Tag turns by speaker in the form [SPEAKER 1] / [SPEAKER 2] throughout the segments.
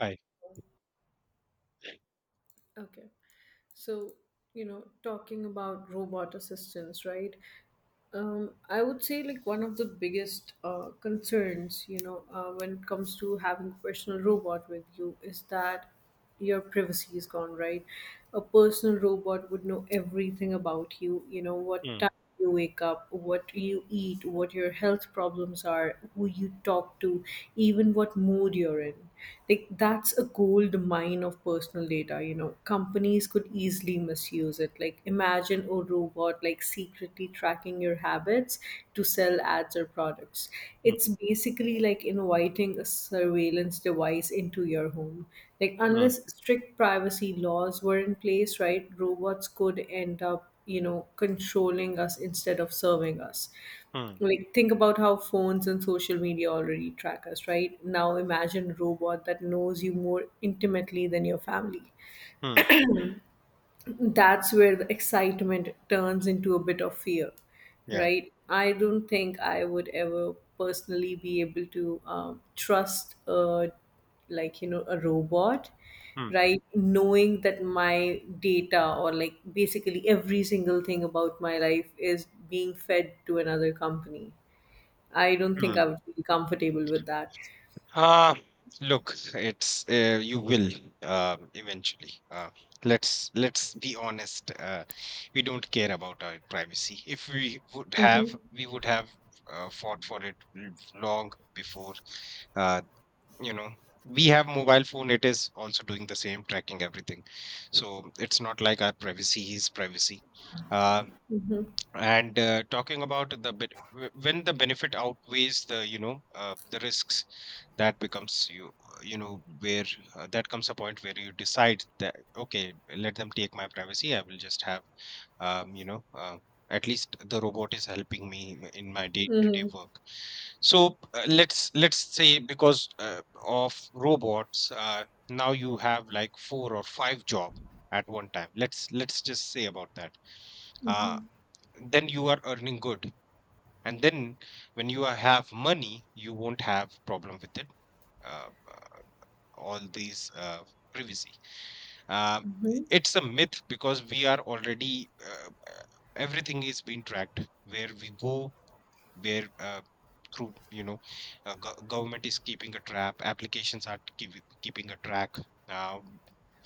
[SPEAKER 1] Right.
[SPEAKER 2] Okay, so you know, talking about robot assistants, right? I would say like one of the biggest concerns, you know, when it comes to having a personal robot with you is that your privacy is gone, right? A personal robot would know everything about you, you know, what time
[SPEAKER 1] Mm,
[SPEAKER 2] you wake up, what you eat, what your health problems are, who you talk to, even what mood you're in. Like that's a gold massive mine of personal data, you know, companies could easily misuse it. Like imagine a robot like secretly tracking your habits to sell ads or products. It's
[SPEAKER 1] mm,
[SPEAKER 2] basically like inviting a surveillance device into your home. Like unless
[SPEAKER 1] mm,
[SPEAKER 2] strict privacy laws were in place, right, robots could end up, you know, controlling us instead of serving us.
[SPEAKER 1] mm,
[SPEAKER 2] Like think about how phones and social media already track us right now. Imagine a robot that knows you more intimately than your family.
[SPEAKER 1] mm,
[SPEAKER 2] That's where the excitement turns into a bit of fear.
[SPEAKER 1] yeah,
[SPEAKER 2] Right, I don't think I would ever personally be able to trust a, like, you know, a robot,
[SPEAKER 1] mm,
[SPEAKER 2] right, knowing that my data or like basically every single thing about my life is being fed to another company. I don't think I
[SPEAKER 1] mm.
[SPEAKER 2] would be comfortable with that.
[SPEAKER 1] Uh, look, it's you will eventually. Let's be honest. We don't care about our privacy. If we would
[SPEAKER 2] Hmm.
[SPEAKER 1] have, we would have fought for it long before. Uh, you know, we have mobile phone. It is also doing the same, tracking everything. So it's not like our privacy is privacy. Uh, And talking about when the benefit outweighs the risks, that becomes you know, where that comes a point where you decide that okay, let them take my privacy. I will just have um, you know uh, at least the robot is helping me in my day-to-day work. So let's say because of robots, now you have like four or five job at one time. Let's just say about that. Uh, then you are earning good, and then when you have money, you won't have problem with it uh, uh, all these privacy. Um it's a myth because we are already everything is being tracked, where we go, where through you know, government is keeping a trap, applications are keeping a track, uh,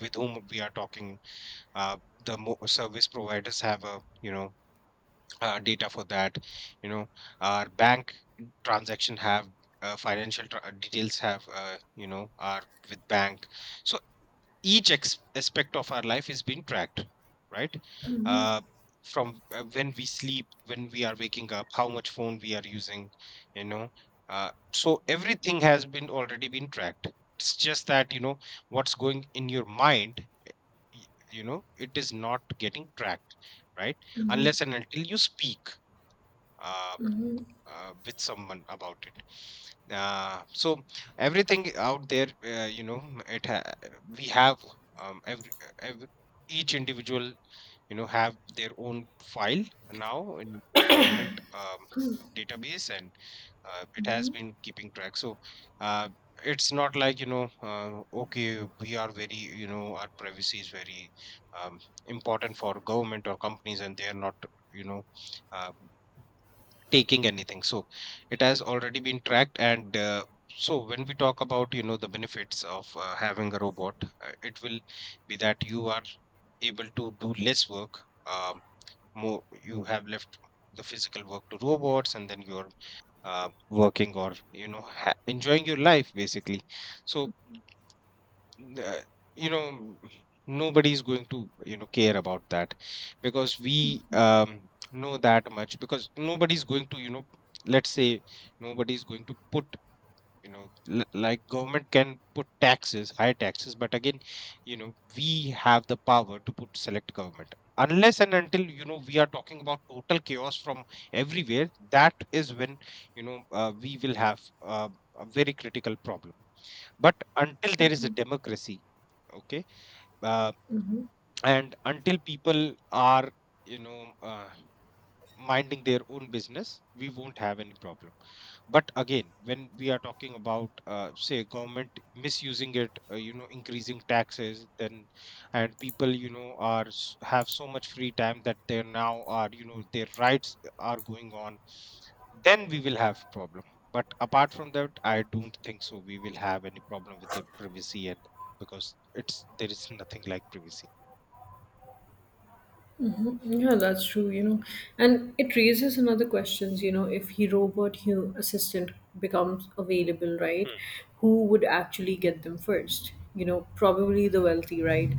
[SPEAKER 1] with whom we are talking, uh, the service providers have a, you know, data for that, you know, our bank transaction have financial details have, you know, are with bank. So each aspect of our life is being tracked, right? uh, from when we sleep, when we are waking up, how much phone we are using, you know. So everything has been already been tracked. It's just that, you know, what's going in your mind, y- you know, it is not getting tracked, right? Unless and until you speak uh, with someone about it. So everything out there, you know, it ha- we have, um, every, every each individual, you know, have their own file now in the government database, and it has been keeping track. So uh, it's not like, you know, okay, we are very, you know, our privacy is very um, important for government or companies, and they are not, you know. Uh, Taking anything. So it has already been tracked. And so when we talk about, you know, the benefits of having a robot, it will be that you are able to do less work. Um, More you have left the physical work to robots, and then you're working or, you know, enjoying your life basically. So uh, you know, nobody's going to, you know, care about that because we know that much because nobody's going to, you know, let's say, nobody's going to put, you know, like government can put taxes, high taxes, but again, you know, we have the power to put select government, unless and until, you know, we are talking about total chaos from everywhere, that is when, you know, we will have a very critical problem. But until there is a democracy, okay, uh, and until people are, you know, minding their own business, we won't have any problem. But again, when we are talking about say government misusing it, you know, increasing taxes, then and people, you know, are have so much free time that they now are, you know, their rights are going on, then we will have problem. But apart from that, I don't think so we will have any problem with the privacy, and because it's there is nothing like privacy.
[SPEAKER 2] Mm-hmm. Yeah, that's true, you know. And it raises another questions, you know, if he robot hu assistant becomes available, right?
[SPEAKER 1] Hmm.
[SPEAKER 2] Who would actually get them first? You know, probably the wealthy, right?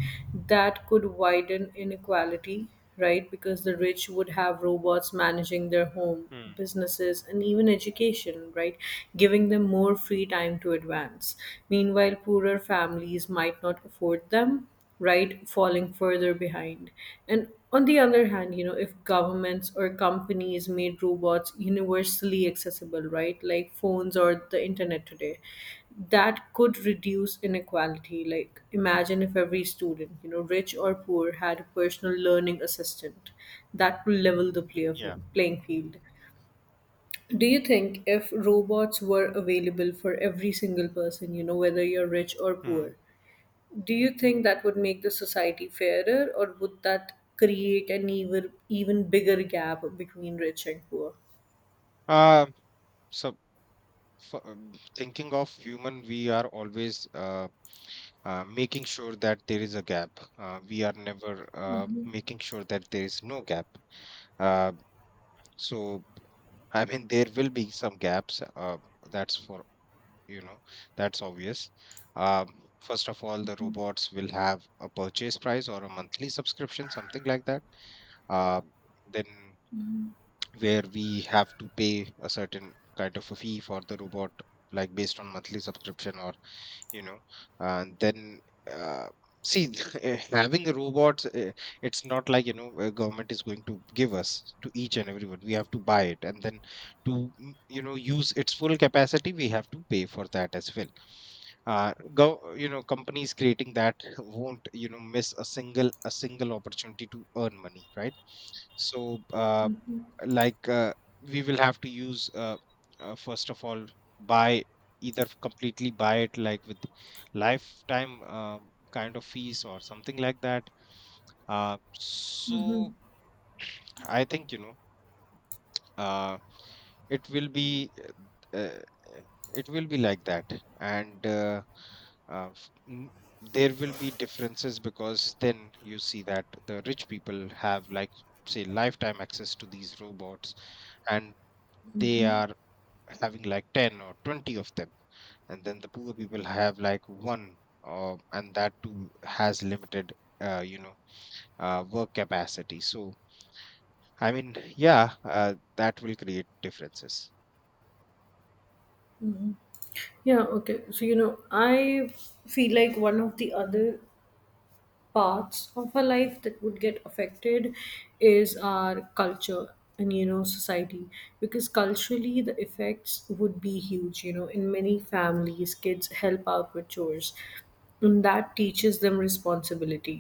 [SPEAKER 2] That could widen inequality, right? Because the rich would have robots managing their home,
[SPEAKER 1] Hmm.
[SPEAKER 2] businesses, and even education, right? Giving them more free time to advance. Meanwhile, poorer families might not afford them, right, falling further behind. And on the other hand, you know, if governments or companies made robots universally accessible, right, like phones or the internet today, that could reduce inequality. Like imagine if every student, you know, rich or poor, had a personal learning assistant. That will level the play of
[SPEAKER 1] Yeah.
[SPEAKER 2] playing field. Do you think if robots were available for every single person, you know, whether you're rich or
[SPEAKER 1] Hmm.
[SPEAKER 2] poor, do you think that would make the society fairer, or would that create an even bigger gap between rich and poor?
[SPEAKER 1] uh, so for thinking of human, we are always making sure that there is a gap. We are never making sure that there is no gap. uh, so I mean there will be some gaps, that's for, you know, that's obvious. um, First of all, the robots will have a purchase price or a monthly subscription, something like that. uh, then where we have to pay a certain kind of a fee for the robot, like based on monthly subscription, or you know, and then uh, see, having a robot, it's not like, you know, a government is going to give us to each and everyone. We have to buy it and then to you know, use its full capacity, we have to pay for that as well. Go, you know, companies creating that won't, you know, miss a single opportunity to earn money, right? So like we will have to use first of all, buy, either completely buy it, like with lifetime kind of fees or something like that. So I think, you know, uh, it will be uh, uh, it will be like that, and uh, f- n- there will be differences because then you see that the rich people have like, say, lifetime access to these robots, and they are having like 10 or 20 of them, and then the poor people have like one, and that too has limited you know work capacity. So I mean yeah, that will create differences.
[SPEAKER 2] Yeah, okay. So, you know, I feel like one of the other parts of our life that would get affected is our culture and, you know, society. Because culturally, the effects would be huge. You know, in many families, kids help out with chores. And that teaches them responsibility,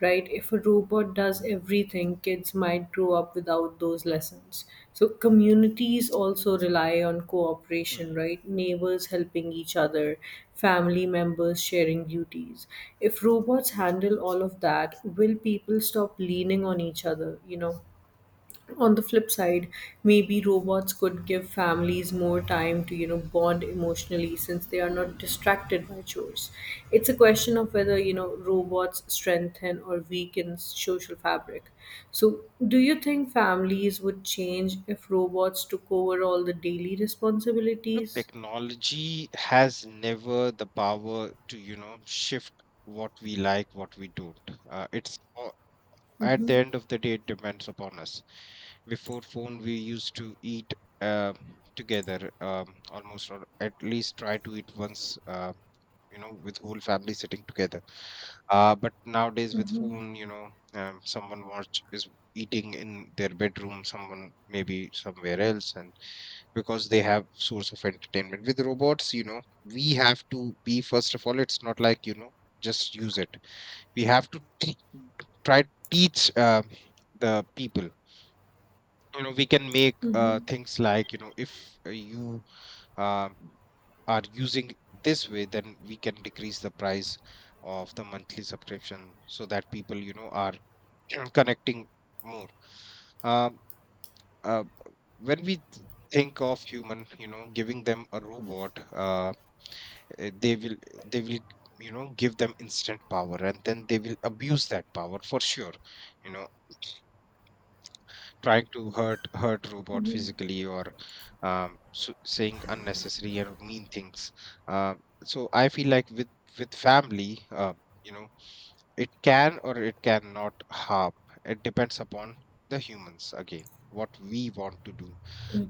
[SPEAKER 2] right? If a robot does everything, kids might grow up without those lessons. So communities also rely on
[SPEAKER 1] Mm,
[SPEAKER 2] cooperation,
[SPEAKER 1] mm.
[SPEAKER 2] right? Neighbors helping each other, family members sharing duties. If robots handle all of that, will people stop leaning on each other, you know? On the flip side, maybe robots could give families more time to, you know, bond emotionally since they are not distracted by chores. It's a question of whether, you know, robots strengthen or weaken social fabric. So do you think families would change if robots took over all the daily
[SPEAKER 1] Look,
[SPEAKER 2] responsibilities?
[SPEAKER 1] technology has never the power to, you know, shift what we like what we don't. It's At
[SPEAKER 2] I
[SPEAKER 1] the end of the day, it depends upon us. Before phone, we used to eat uh, together, almost or at least try to eat once, you know, with whole family sitting together. But nowadays with phone, you know, someone watch is eating in their bedroom, someone maybe somewhere else, and because they have source of entertainment. With robots, you know, we have to be, first of all, it's not like, you know, just use it, we have to try to teach the people, you know. We can make things like, you know, if you um, are using this way, then we can decrease the price of the monthly subscription so that people, you know, are connecting more. um, uh, when we think of human, you know, giving them a robot, eh, they will they will you know, give them instant power, and then they will abuse that power for sure, you know, trying to hurt robot physically or saying unnecessary and mean things. Uh, so I feel like with family, you know, it can or it cannot harm. It depends upon the humans again, what we want to do.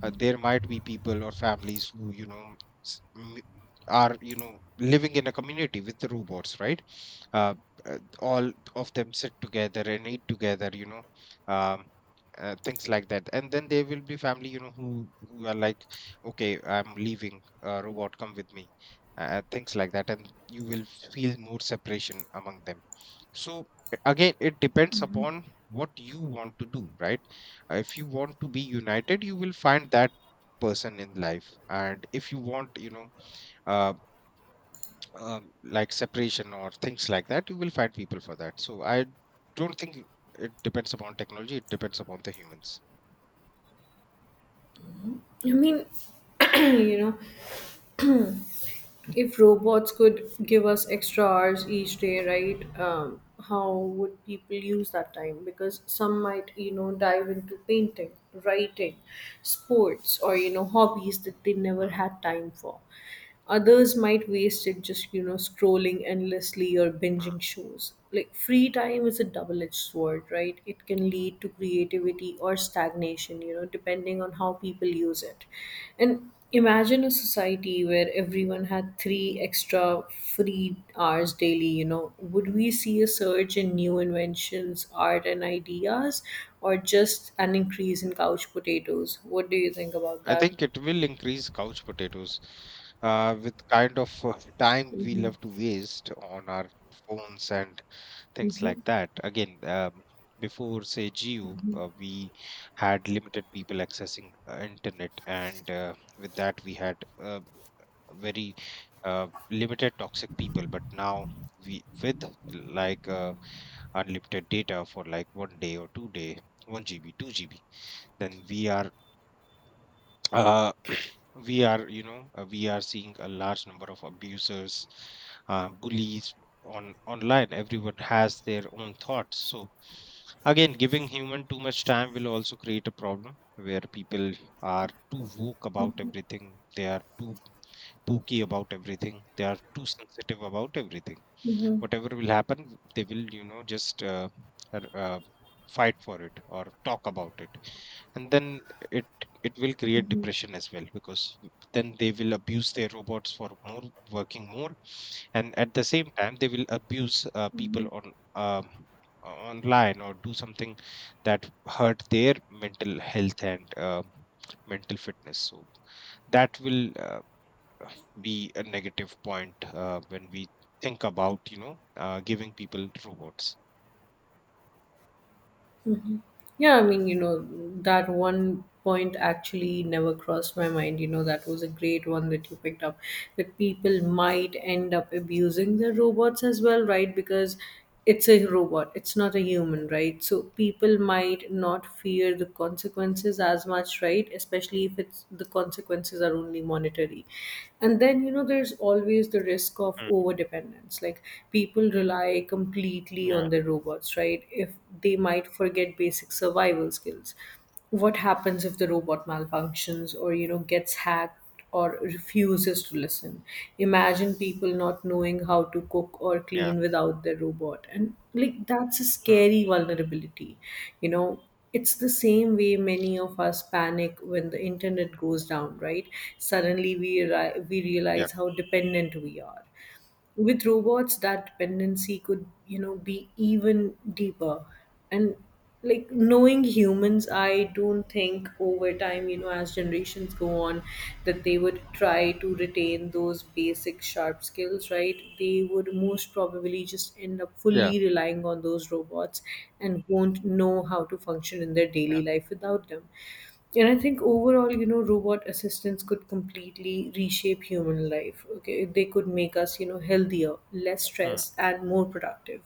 [SPEAKER 1] There might be people or families who, you know, s- m- are, you know, living in a community with the robots, right? uh, all of them sit together and eat together, you know, um, things like that, and then there will be family, you know, who are like, okay, I'm leaving, robot come with me, things like that, and you will feel more separation among them. So again, it depends upon what you want to do, right? If you want to be united, you will find that person in life, and if you want, you know, uh, like separation or things like that, you will find people for that. So I don't think it depends upon technology, it depends upon the humans.
[SPEAKER 2] mean, you know, if robots could give us extra hours each day, right, how would people use that time, because some might, you know, dive into painting, writing, sports, or, you know, hobbies that they never
[SPEAKER 1] Hmm.
[SPEAKER 2] had time for. Others might waste it just, you know, scrolling endlessly or
[SPEAKER 1] Hmm.
[SPEAKER 2] binging shows. Like, free time is a double edged sword, right? It can lead to creativity or stagnation, you know, depending on how people use it. And imagine a society where everyone had 3 extra free hours daily, you know. Would we see a surge in new inventions, art, and ideas, or just an increase in couch potatoes? What do you think about
[SPEAKER 1] I
[SPEAKER 2] that?
[SPEAKER 1] think it will increase couch potatoes with kind of time we
[SPEAKER 2] Hmm.
[SPEAKER 1] love to waste on our phones and things like that. Again, before say Geo,
[SPEAKER 2] Hmm.
[SPEAKER 1] we had limited people accessing internet, and with that we had uh, very limited toxic people. But now we with like unlimited data for like 1 day or 2 day, one GB, two GB, then we are uh, we are you know we are seeing a large number of abusers, bullies on online. Everyone has their own thoughts. So again, giving human too much time will also create a problem where people are too woke about everything, they are too spooky about everything. They are too sensitive about everything. Whatever will happen, they will, you know, just r- uh, fight for it or talk about it, and then it it will create
[SPEAKER 2] Mhm.
[SPEAKER 1] depression as well, because then they will abuse their robots for more, working more, and at the same time they will abuse people
[SPEAKER 2] Mhm.
[SPEAKER 1] on. um Online or do something that hurt their mental health and mental fitness. So that will uh, be a negative point when we think about, you know, giving people robots.
[SPEAKER 2] Yeah, I mean, you know, that one point actually never crossed my mind. You know, that was a great one that you picked up, that people might end up abusing the robots as well, right? Because it's a robot, it's not a human, right? So people might not fear the consequences as much, right? Especially if it's the consequences are only monetary. And then, you know, there's always the risk of
[SPEAKER 1] Mm,
[SPEAKER 2] overdependence. Like people rely completely constantly
[SPEAKER 1] yeah,
[SPEAKER 2] on their robots, right? If they might forget basic survival skills. What happens if the robot malfunctions or, you know, gets hacked or refuses to listen? Imagine people not knowing how to cook or
[SPEAKER 1] yeah,
[SPEAKER 2] clean without their robot. And like that's a
[SPEAKER 1] mm,
[SPEAKER 2] scary vulnerability. You know, it's the same way many of us panic when the internet goes down, right? Suddenly we
[SPEAKER 1] yeah,
[SPEAKER 2] realize how dependent we are. With robots, that dependency could, you know, be even deeper. And like, knowing humans, I don't think over time, you know, as generations go on, that they would try to retain those basic sharp skills, right? They would most probably just end up
[SPEAKER 1] yeah,
[SPEAKER 2] fully relying on those robots, and won't know how to function in their daily life without them. And I think overall, you know, robot assistants could completely reshape human life. Okay, they could make us, you know, healthier, less
[SPEAKER 1] mm,
[SPEAKER 2] stressed, and more productive.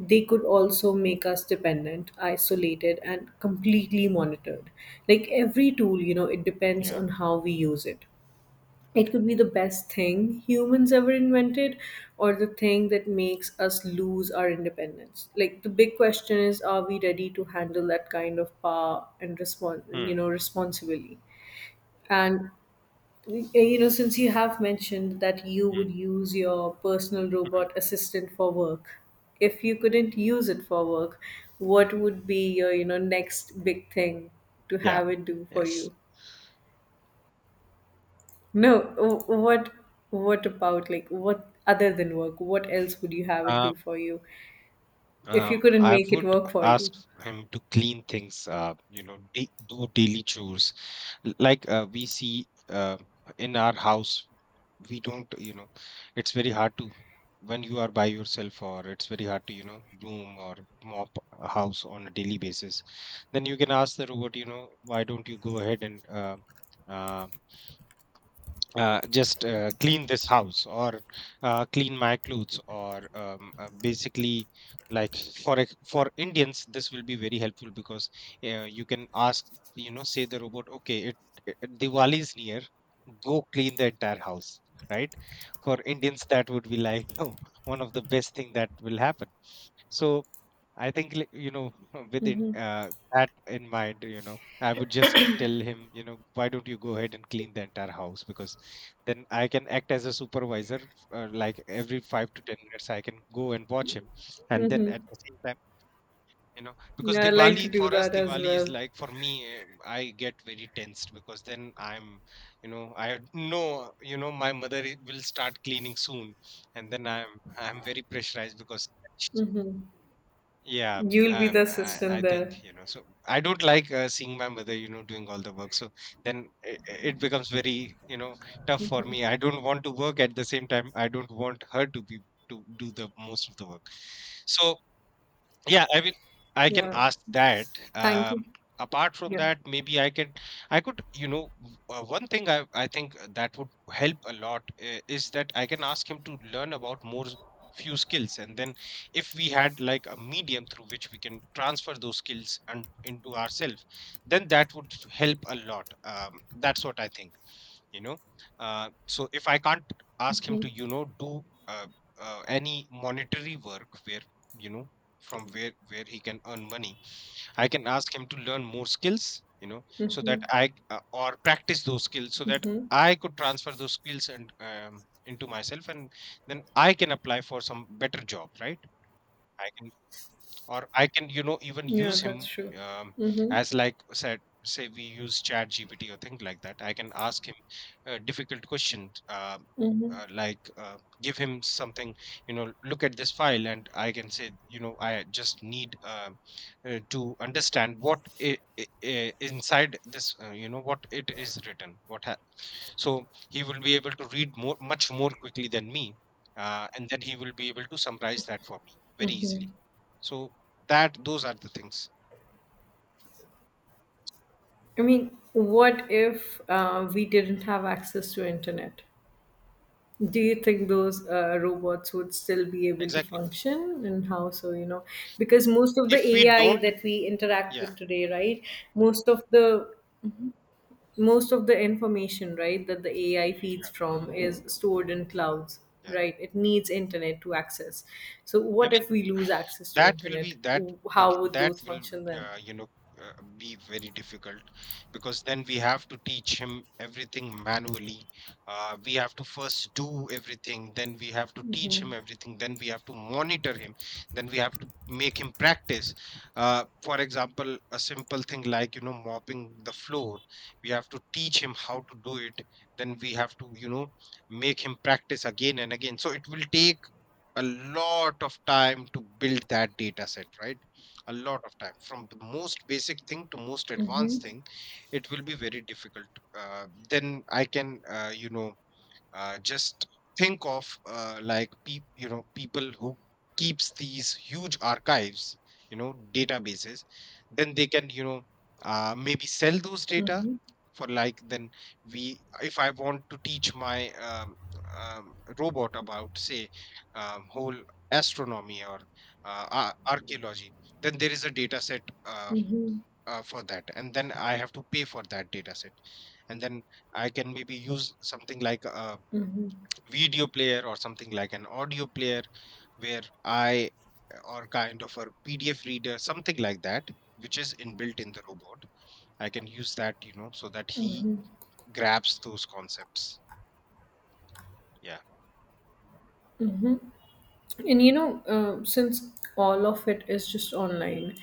[SPEAKER 2] They could also make us dependent, isolated, and completely monitored. Like every tool, you know, it depends
[SPEAKER 1] yeah,
[SPEAKER 2] on how we use it. It could be the best thing humans ever invented, or the thing that makes us lose our independence. Like the big question is, are we ready to handle that kind of power and respond,
[SPEAKER 1] mm,
[SPEAKER 2] you know, responsibly? And you know, since you have mentioned that you would
[SPEAKER 1] mm,
[SPEAKER 2] use your personal
[SPEAKER 1] mm,
[SPEAKER 2] robot assistant for work, if you couldn't use it for work, what would be your, you know, next big thing to
[SPEAKER 1] yeah.
[SPEAKER 2] have it do for
[SPEAKER 1] Yes.
[SPEAKER 2] you? No, what about like what other than work? What else would you have it
[SPEAKER 1] Um,
[SPEAKER 2] do for you if you couldn't
[SPEAKER 1] I
[SPEAKER 2] make it
[SPEAKER 1] would
[SPEAKER 2] work for you?
[SPEAKER 1] ask him to clean things up, you know, do daily chores. Like we see in our house we don't, it's very hard to when you are by yourself, or it's very hard to, you know, broom or mop a house on a daily basis. Then you can ask the robot, you know, why don't you go ahead and uh, just clean this house, or clean my clothes, or basically like for Indians this will be very helpful, because you can ask, you know, say the robot, okay, it, Diwali is near, go clean the entire house, right? For Indians that would be like oh, one of the best thing that will happen. So I think you know, with it, that in mind, you know, I would just tell him, you know, why don't you go ahead and clean the entire house, because then I can act as a supervisor. Like every 5 to 10 minutes, I can go and watch him, and then at the same time, you know, because
[SPEAKER 2] Yeah, I'd like to
[SPEAKER 1] Diwali
[SPEAKER 2] do
[SPEAKER 1] for us,
[SPEAKER 2] that as
[SPEAKER 1] Diwali is
[SPEAKER 2] well.
[SPEAKER 1] like, for me, I get very tensed, because then I'm, you know, I know, you know, my mother will start cleaning soon, and then I'm very pressurized, because yeah,
[SPEAKER 2] You'll be the
[SPEAKER 1] I,
[SPEAKER 2] assistant
[SPEAKER 1] I
[SPEAKER 2] there.
[SPEAKER 1] think, you know, so I don't like seeing my mother, you know, doing all the work. So then it becomes very, you know, tough for me. I don't want to work. At the same time, I don't want her to be to do the most of the work. So yeah, I mean, I can
[SPEAKER 2] Yeah.
[SPEAKER 1] ask that.
[SPEAKER 2] Thank
[SPEAKER 1] Um,
[SPEAKER 2] you.
[SPEAKER 1] Apart from
[SPEAKER 2] Yeah.
[SPEAKER 1] that, maybe I could, you know, one thing I think that would help a lot is that I can ask him to learn about few skills, and then if we had like a medium through which we can transfer those skills and into ourselves, then that would help a lot. That's what I think, you know. uh, so if I can't ask him to, you know, do uh, any monetary work where, you know, from where he can earn money, I can ask him to learn more skills, you know, so that I or practice those skills so that I could transfer those skills and into myself, and then I can apply for some better job, right? I can, or I can, you know, even
[SPEAKER 2] Yeah,
[SPEAKER 1] use
[SPEAKER 2] that's
[SPEAKER 1] him
[SPEAKER 2] true.
[SPEAKER 1] um,
[SPEAKER 2] Mm-hmm.
[SPEAKER 1] as like said, say we use Chat GPT or things like that. I can ask him a difficult questions,
[SPEAKER 2] Mm-hmm.
[SPEAKER 1] like give him something, you know, look at this file, and I can say, you know, I just need to understand what inside this, you know, what it is written, so he will be able to read more much more quickly than me, and then he will be able to summarize that for me very easily. So that those are the things.
[SPEAKER 2] I mean, what if we didn't have access to internet? Do you think those robots would still be able to
[SPEAKER 1] Exactly.
[SPEAKER 2] function, and how so, you know? Because most of the
[SPEAKER 1] If we
[SPEAKER 2] AI
[SPEAKER 1] don't,
[SPEAKER 2] that we interact
[SPEAKER 1] yeah,
[SPEAKER 2] with today, right? Most of the most of the information, right, that the AI
[SPEAKER 1] yeah,
[SPEAKER 2] feeds from is stored in clouds,
[SPEAKER 1] yeah.
[SPEAKER 2] right? It needs internet to access. So
[SPEAKER 1] I
[SPEAKER 2] what
[SPEAKER 1] mean,
[SPEAKER 2] if we lose access to
[SPEAKER 1] that will be
[SPEAKER 2] internet? How would
[SPEAKER 1] that
[SPEAKER 2] those
[SPEAKER 1] will
[SPEAKER 2] function then?
[SPEAKER 1] you know, uh, be very difficult, because then we have to teach him everything manually. We have to first do everything, then we have to teach him everything, then we have to monitor him, then we have to make him practice. For example, a simple thing like, you know, mopping the floor, we have to teach him how to do it. Then we have to, you know, make him practice again and again. So it will take a lot of time to build that data set, right? A lot of time, from the most basic thing to most
[SPEAKER 2] Mm-hmm,
[SPEAKER 1] advanced thing. It will be very difficult. Then I can, you know, just think of like peop you know, people who keeps these huge archives, you know, databases, then they can, you know, maybe sell those data
[SPEAKER 2] mm-hmm,
[SPEAKER 1] for, like, then we, if I want to teach my robot about, say, whole astronomy or archaeology, then there is a data set,
[SPEAKER 2] mm-hmm,
[SPEAKER 1] for that, and then I have to pay for that data set, and then I can maybe use something like a
[SPEAKER 2] mm-hmm.
[SPEAKER 1] video player or something like an audio player, where I or kind of a PDF reader, something like that, which is inbuilt in the robot. I can use that, you know, so that he grabs those concepts. Yeah.
[SPEAKER 2] And you know, since all of it is just online,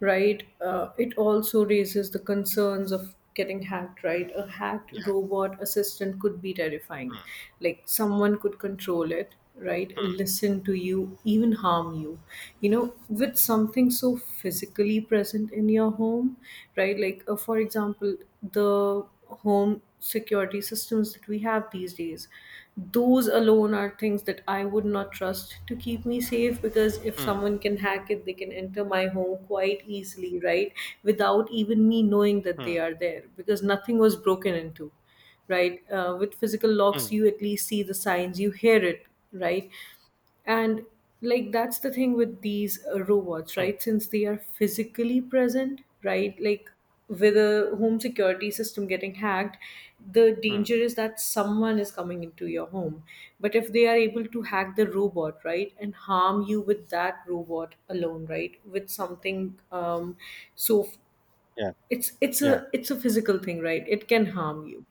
[SPEAKER 2] right, it also raises the concerns of getting hacked, right? A hacked
[SPEAKER 1] Yeah.
[SPEAKER 2] robot assistant could be terrifying.
[SPEAKER 1] Hmm,
[SPEAKER 2] Like someone could control it, right, listen to you, even harm you, you know, with something so physically present in your home. Right, like, for example, the home security systems that we have these days, those alone are things that I would not trust to keep me safe, because if
[SPEAKER 1] hmm,
[SPEAKER 2] someone can hack it, they can enter my home quite easily, right? Without even me knowing that
[SPEAKER 1] hmm,
[SPEAKER 2] they
[SPEAKER 1] hmm,
[SPEAKER 2] are there, because nothing was broken into, right? With physical locks,
[SPEAKER 1] hmm,
[SPEAKER 2] you at least see the signs, you hear it, right? And like that's the thing with these robots,
[SPEAKER 1] hmm,
[SPEAKER 2] right? Since they are physically present, right? Like with a home security system getting hacked, the
[SPEAKER 1] hmm.
[SPEAKER 2] danger is that someone is coming into your home. But if they are able to hack the robot, right, and harm you with that robot alone, right, with something so f-
[SPEAKER 1] Yeah.
[SPEAKER 2] it's it's
[SPEAKER 1] Yeah.
[SPEAKER 2] a it's a physical thing, right? It can harm you,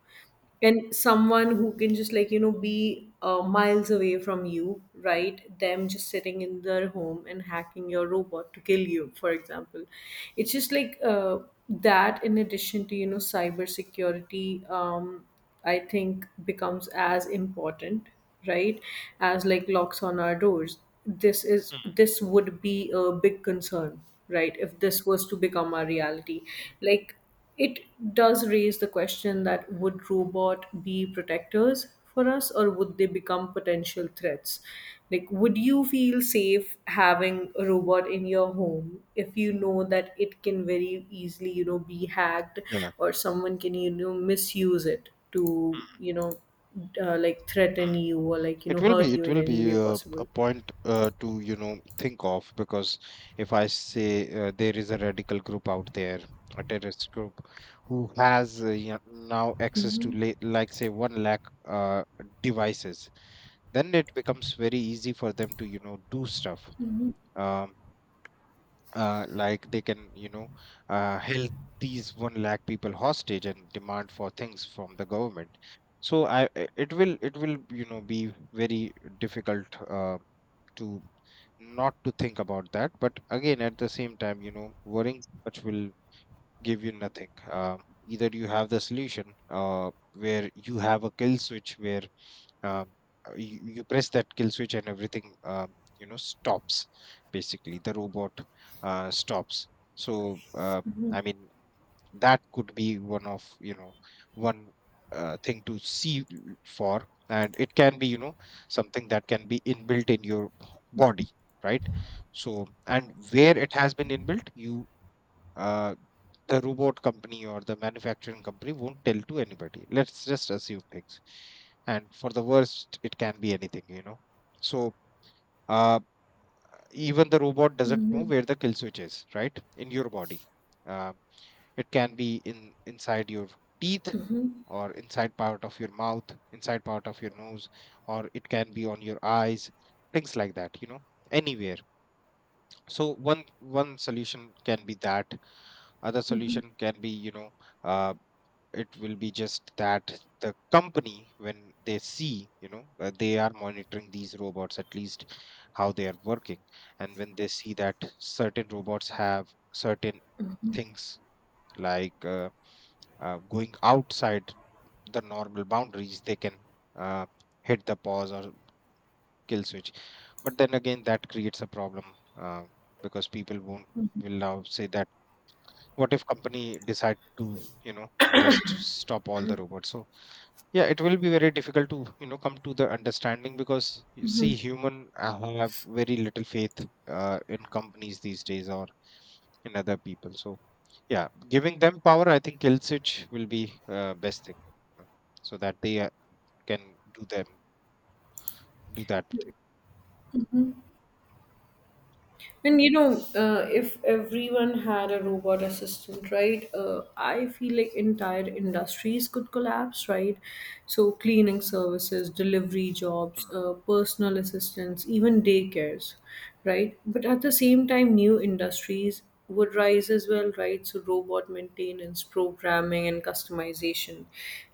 [SPEAKER 2] and someone who can just, like, you know, be miles away from you, right, them just sitting in their home and hacking your robot to kill you, for example. It's just like, that in addition to, you know, cybersecurity, I think becomes as important, right, as like locks on our doors. this is
[SPEAKER 1] Hmm,
[SPEAKER 2] this would be a big concern, right, if this was to become our reality. Like it does raise the question, that would robot be protectors for us, or would they become potential threats? Like would you feel safe having a robot in your home if you know that it can very easily, you know, be hacked,
[SPEAKER 1] yeah.
[SPEAKER 2] or someone can, you know, misuse it to,
[SPEAKER 1] Hmm.
[SPEAKER 2] you know, like threaten
[SPEAKER 1] Hmm.
[SPEAKER 2] you or, like, you know, hurt you
[SPEAKER 1] It
[SPEAKER 2] in
[SPEAKER 1] will
[SPEAKER 2] any
[SPEAKER 1] be
[SPEAKER 2] way
[SPEAKER 1] a
[SPEAKER 2] possible?
[SPEAKER 1] point to, you know, think of, because if I say there is a radical group out there, a terrorist group, who has, you know, now access to
[SPEAKER 2] Mhm.
[SPEAKER 1] la like say one lakh uh, devices, then it becomes very easy for them to, you know, do stuff. Um, like they can, you know, held these one lakh people hostage and demand for things from the government. So it will, it will, you know, be very difficult to not to think about that. But again, at the same time, you know, worrying too much will give you nothing. Either you have the solution where you have a kill switch, where um, you, you press that kill switch, and everything, you know, stops, basically the robot stops. So I mean, that could be one of, you know, one thing to see for. And it can be, you know, something that can be inbuilt in your body, right? So, and where it has been inbuilt, you uh, the robot company, or the manufacturing company, won't tell to anybody. Let's just assume things, and for the worst, it can be anything, you know. So uh, even the robot doesn't know
[SPEAKER 2] Mhm.
[SPEAKER 1] where the kill switch is, right, in your body. uh, it can be in inside your teeth, or inside part of your mouth, inside part of your nose, or it can be on your eyes, things like that, you know, anywhere. So one one solution can be that. Other
[SPEAKER 2] Mhm.
[SPEAKER 1] solution can be, you know, uh, it will be just that the company, when they see, you know, they are monitoring these robots, at least how they are working, and when they see that certain robots have certain things like going outside the normal boundaries, they can uh, hit the pause or kill switch. But then again, that creates a problem, uh, because people won't, will now say that, what if company decide to, you know, just stop all the robots? So yeah, it will be very difficult to, you know, come to the understanding, because you see, human have very little faith in companies these days, or in other people. So yeah, giving them power, I think Ilsich will be best thing, you know, so that they can do them do that thing.
[SPEAKER 2] And you know, if everyone had a robot assistant, right? I feel like entire industries could collapse, right? So cleaning services, delivery jobs,
[SPEAKER 1] Mm,
[SPEAKER 2] personal assistants, even daycares, right? But at the same time, new industries would rise as well, right? So robot maintenance, programming, and customization.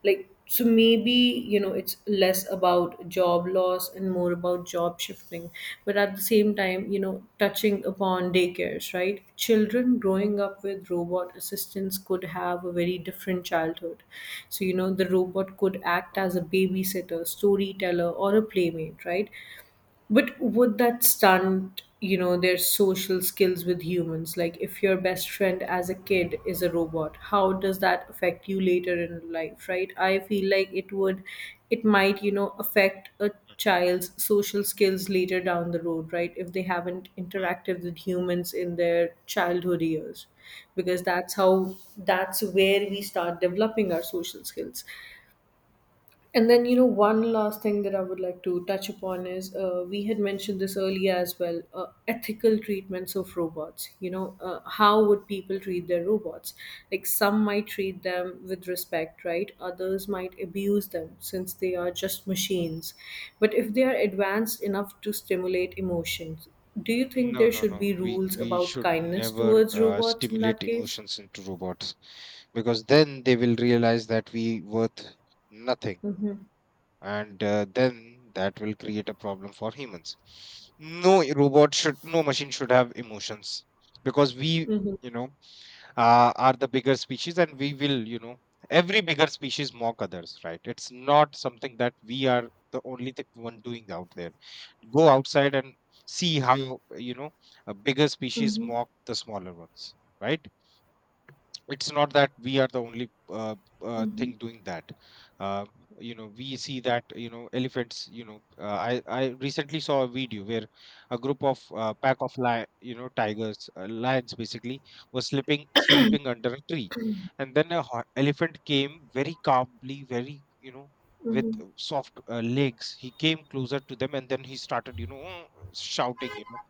[SPEAKER 2] Like so, maybe, you know, it's less about job loss and more about job shifting. But at the same time, you know, touching upon daycares, right? Children growing up with robot assistants could have a very different childhood. So you know, the robot could act
[SPEAKER 1] mm.
[SPEAKER 2] as a babysitter, storyteller, or a playmate, right? But would that stunt, you know, their social skills with humans? Like, if your best friend as a kid is a robot, how does that affect you later in life, right? I feel like it would, it might, you know, affect a child's social skills later down the road, right? If they haven't interacted with humans in their childhood years, because that's how, that's where we start developing our social skills. And then, you know, one last thing that I would like to touch upon is, we had mentioned this earlier as well, ethical treatments of robots. You know, how would people treat their robots? Like, some might treat them with respect, right? Others might abuse them since they are just machines. But if they are advanced enough to stimulate emotions, do you think
[SPEAKER 1] No,
[SPEAKER 2] there
[SPEAKER 1] no,
[SPEAKER 2] should
[SPEAKER 1] no,
[SPEAKER 2] be
[SPEAKER 1] we
[SPEAKER 2] rules
[SPEAKER 1] we
[SPEAKER 2] about
[SPEAKER 1] should
[SPEAKER 2] kindness
[SPEAKER 1] never
[SPEAKER 2] towards robots in that
[SPEAKER 1] stimulate
[SPEAKER 2] case?
[SPEAKER 1] emotions into robots, because then they will realize that we worth nothing,
[SPEAKER 2] Mm-hmm.
[SPEAKER 1] and then that will create a problem for humans. No robot should, no machine should have emotions, because we,
[SPEAKER 2] Mm-hmm.
[SPEAKER 1] you know, are the bigger species, and we will, you know, every bigger species mock others, right? It's not something that we are the only thing one doing out there. Go outside and see how, you know, a bigger species
[SPEAKER 2] Mm-hmm.
[SPEAKER 1] mock the smaller ones, right? It's not that we are the only
[SPEAKER 2] Mm-hmm.
[SPEAKER 1] thing doing that. uh, you know, we see that, you know, elephants, you know, I recently saw a video where a group of pack of lion, you know, tigers, lions basically, was sleeping under a tree, and then a elephant came very calmly, very, you know, with
[SPEAKER 2] Mm-hmm.
[SPEAKER 1] soft legs, he came closer to them, and then he started, you know, shouting, you know,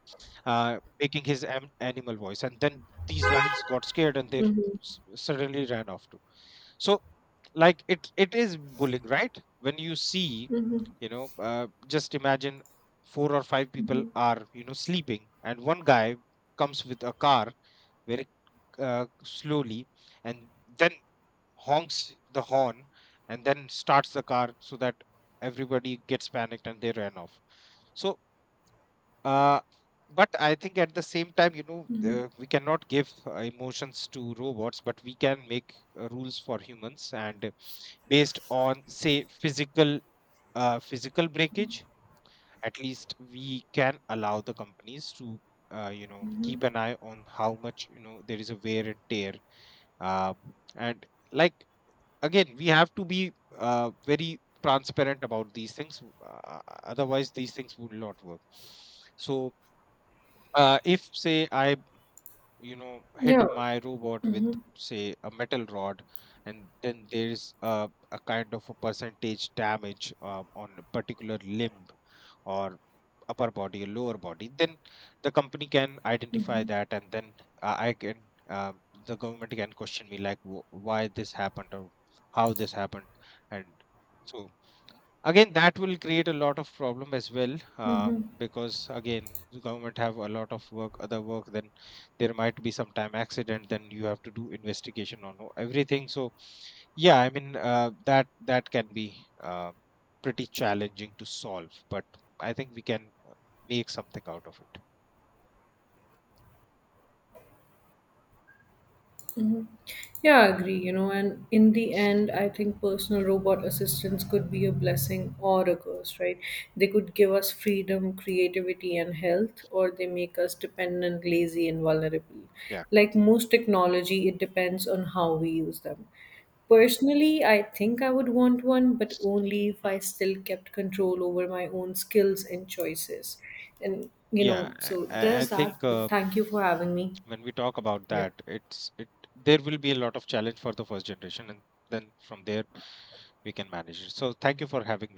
[SPEAKER 1] making his animal voice. And then these lions got scared, and they suddenly ran off too. So, like, it is bullying, right? When you see,
[SPEAKER 2] Mm-hmm.
[SPEAKER 1] you know, just imagine 4 or 5 people
[SPEAKER 2] Mm-hmm.
[SPEAKER 1] are, you know, sleeping, and one guy comes with a car very slowly, and then honks the horn, and then starts the car, so that everybody gets panicked and they ran off. So uh, but I think at the same time, you know, we cannot give emotions to robots, but we can make rules for humans, and based on, say, physical breakage, at least we can allow the companies to, you know, keep an eye on how much, you know, there is a wear and tear. Uh, and like, again, we have to be very transparent about these things. Otherwise, these things would not work. So, if say I, you know, hit
[SPEAKER 2] Yeah,
[SPEAKER 1] my robot with say a metal rod, and then there is a kind of a percentage damage, on a particular limb, or upper body or lower body, then the company can identify that, and then I can the government can question me, like, why this happened, or how this happened. And so again, that will create a lot of problem as well, because again, the government have a lot of work, other work. Then there might be some time accident, then you have to do investigation on everything. So yeah, I mean, that that can be uh, pretty challenging to solve, but I think we can make something out of it.
[SPEAKER 2] yeah, I agree, you know, and in the end, I think personal robot assistants could be a blessing or a curse, right? They could give us freedom, creativity, and health, or they make us dependent, lazy, and vulnerable.
[SPEAKER 1] Yeah.
[SPEAKER 2] Like most technology, it depends on how we use them. Personally, I think I would want one, but only if
[SPEAKER 1] Hmm.
[SPEAKER 2] I still kept control over my own skills and choices. And, you
[SPEAKER 1] Yeah,
[SPEAKER 2] know, so
[SPEAKER 1] I
[SPEAKER 2] there's that,
[SPEAKER 1] think
[SPEAKER 2] but thank you for having me.
[SPEAKER 1] when we talk about that,
[SPEAKER 2] Yeah.
[SPEAKER 1] it's it there will be a lot of challenge for the first generation, and then from there we can manage it. So thank you for having me here.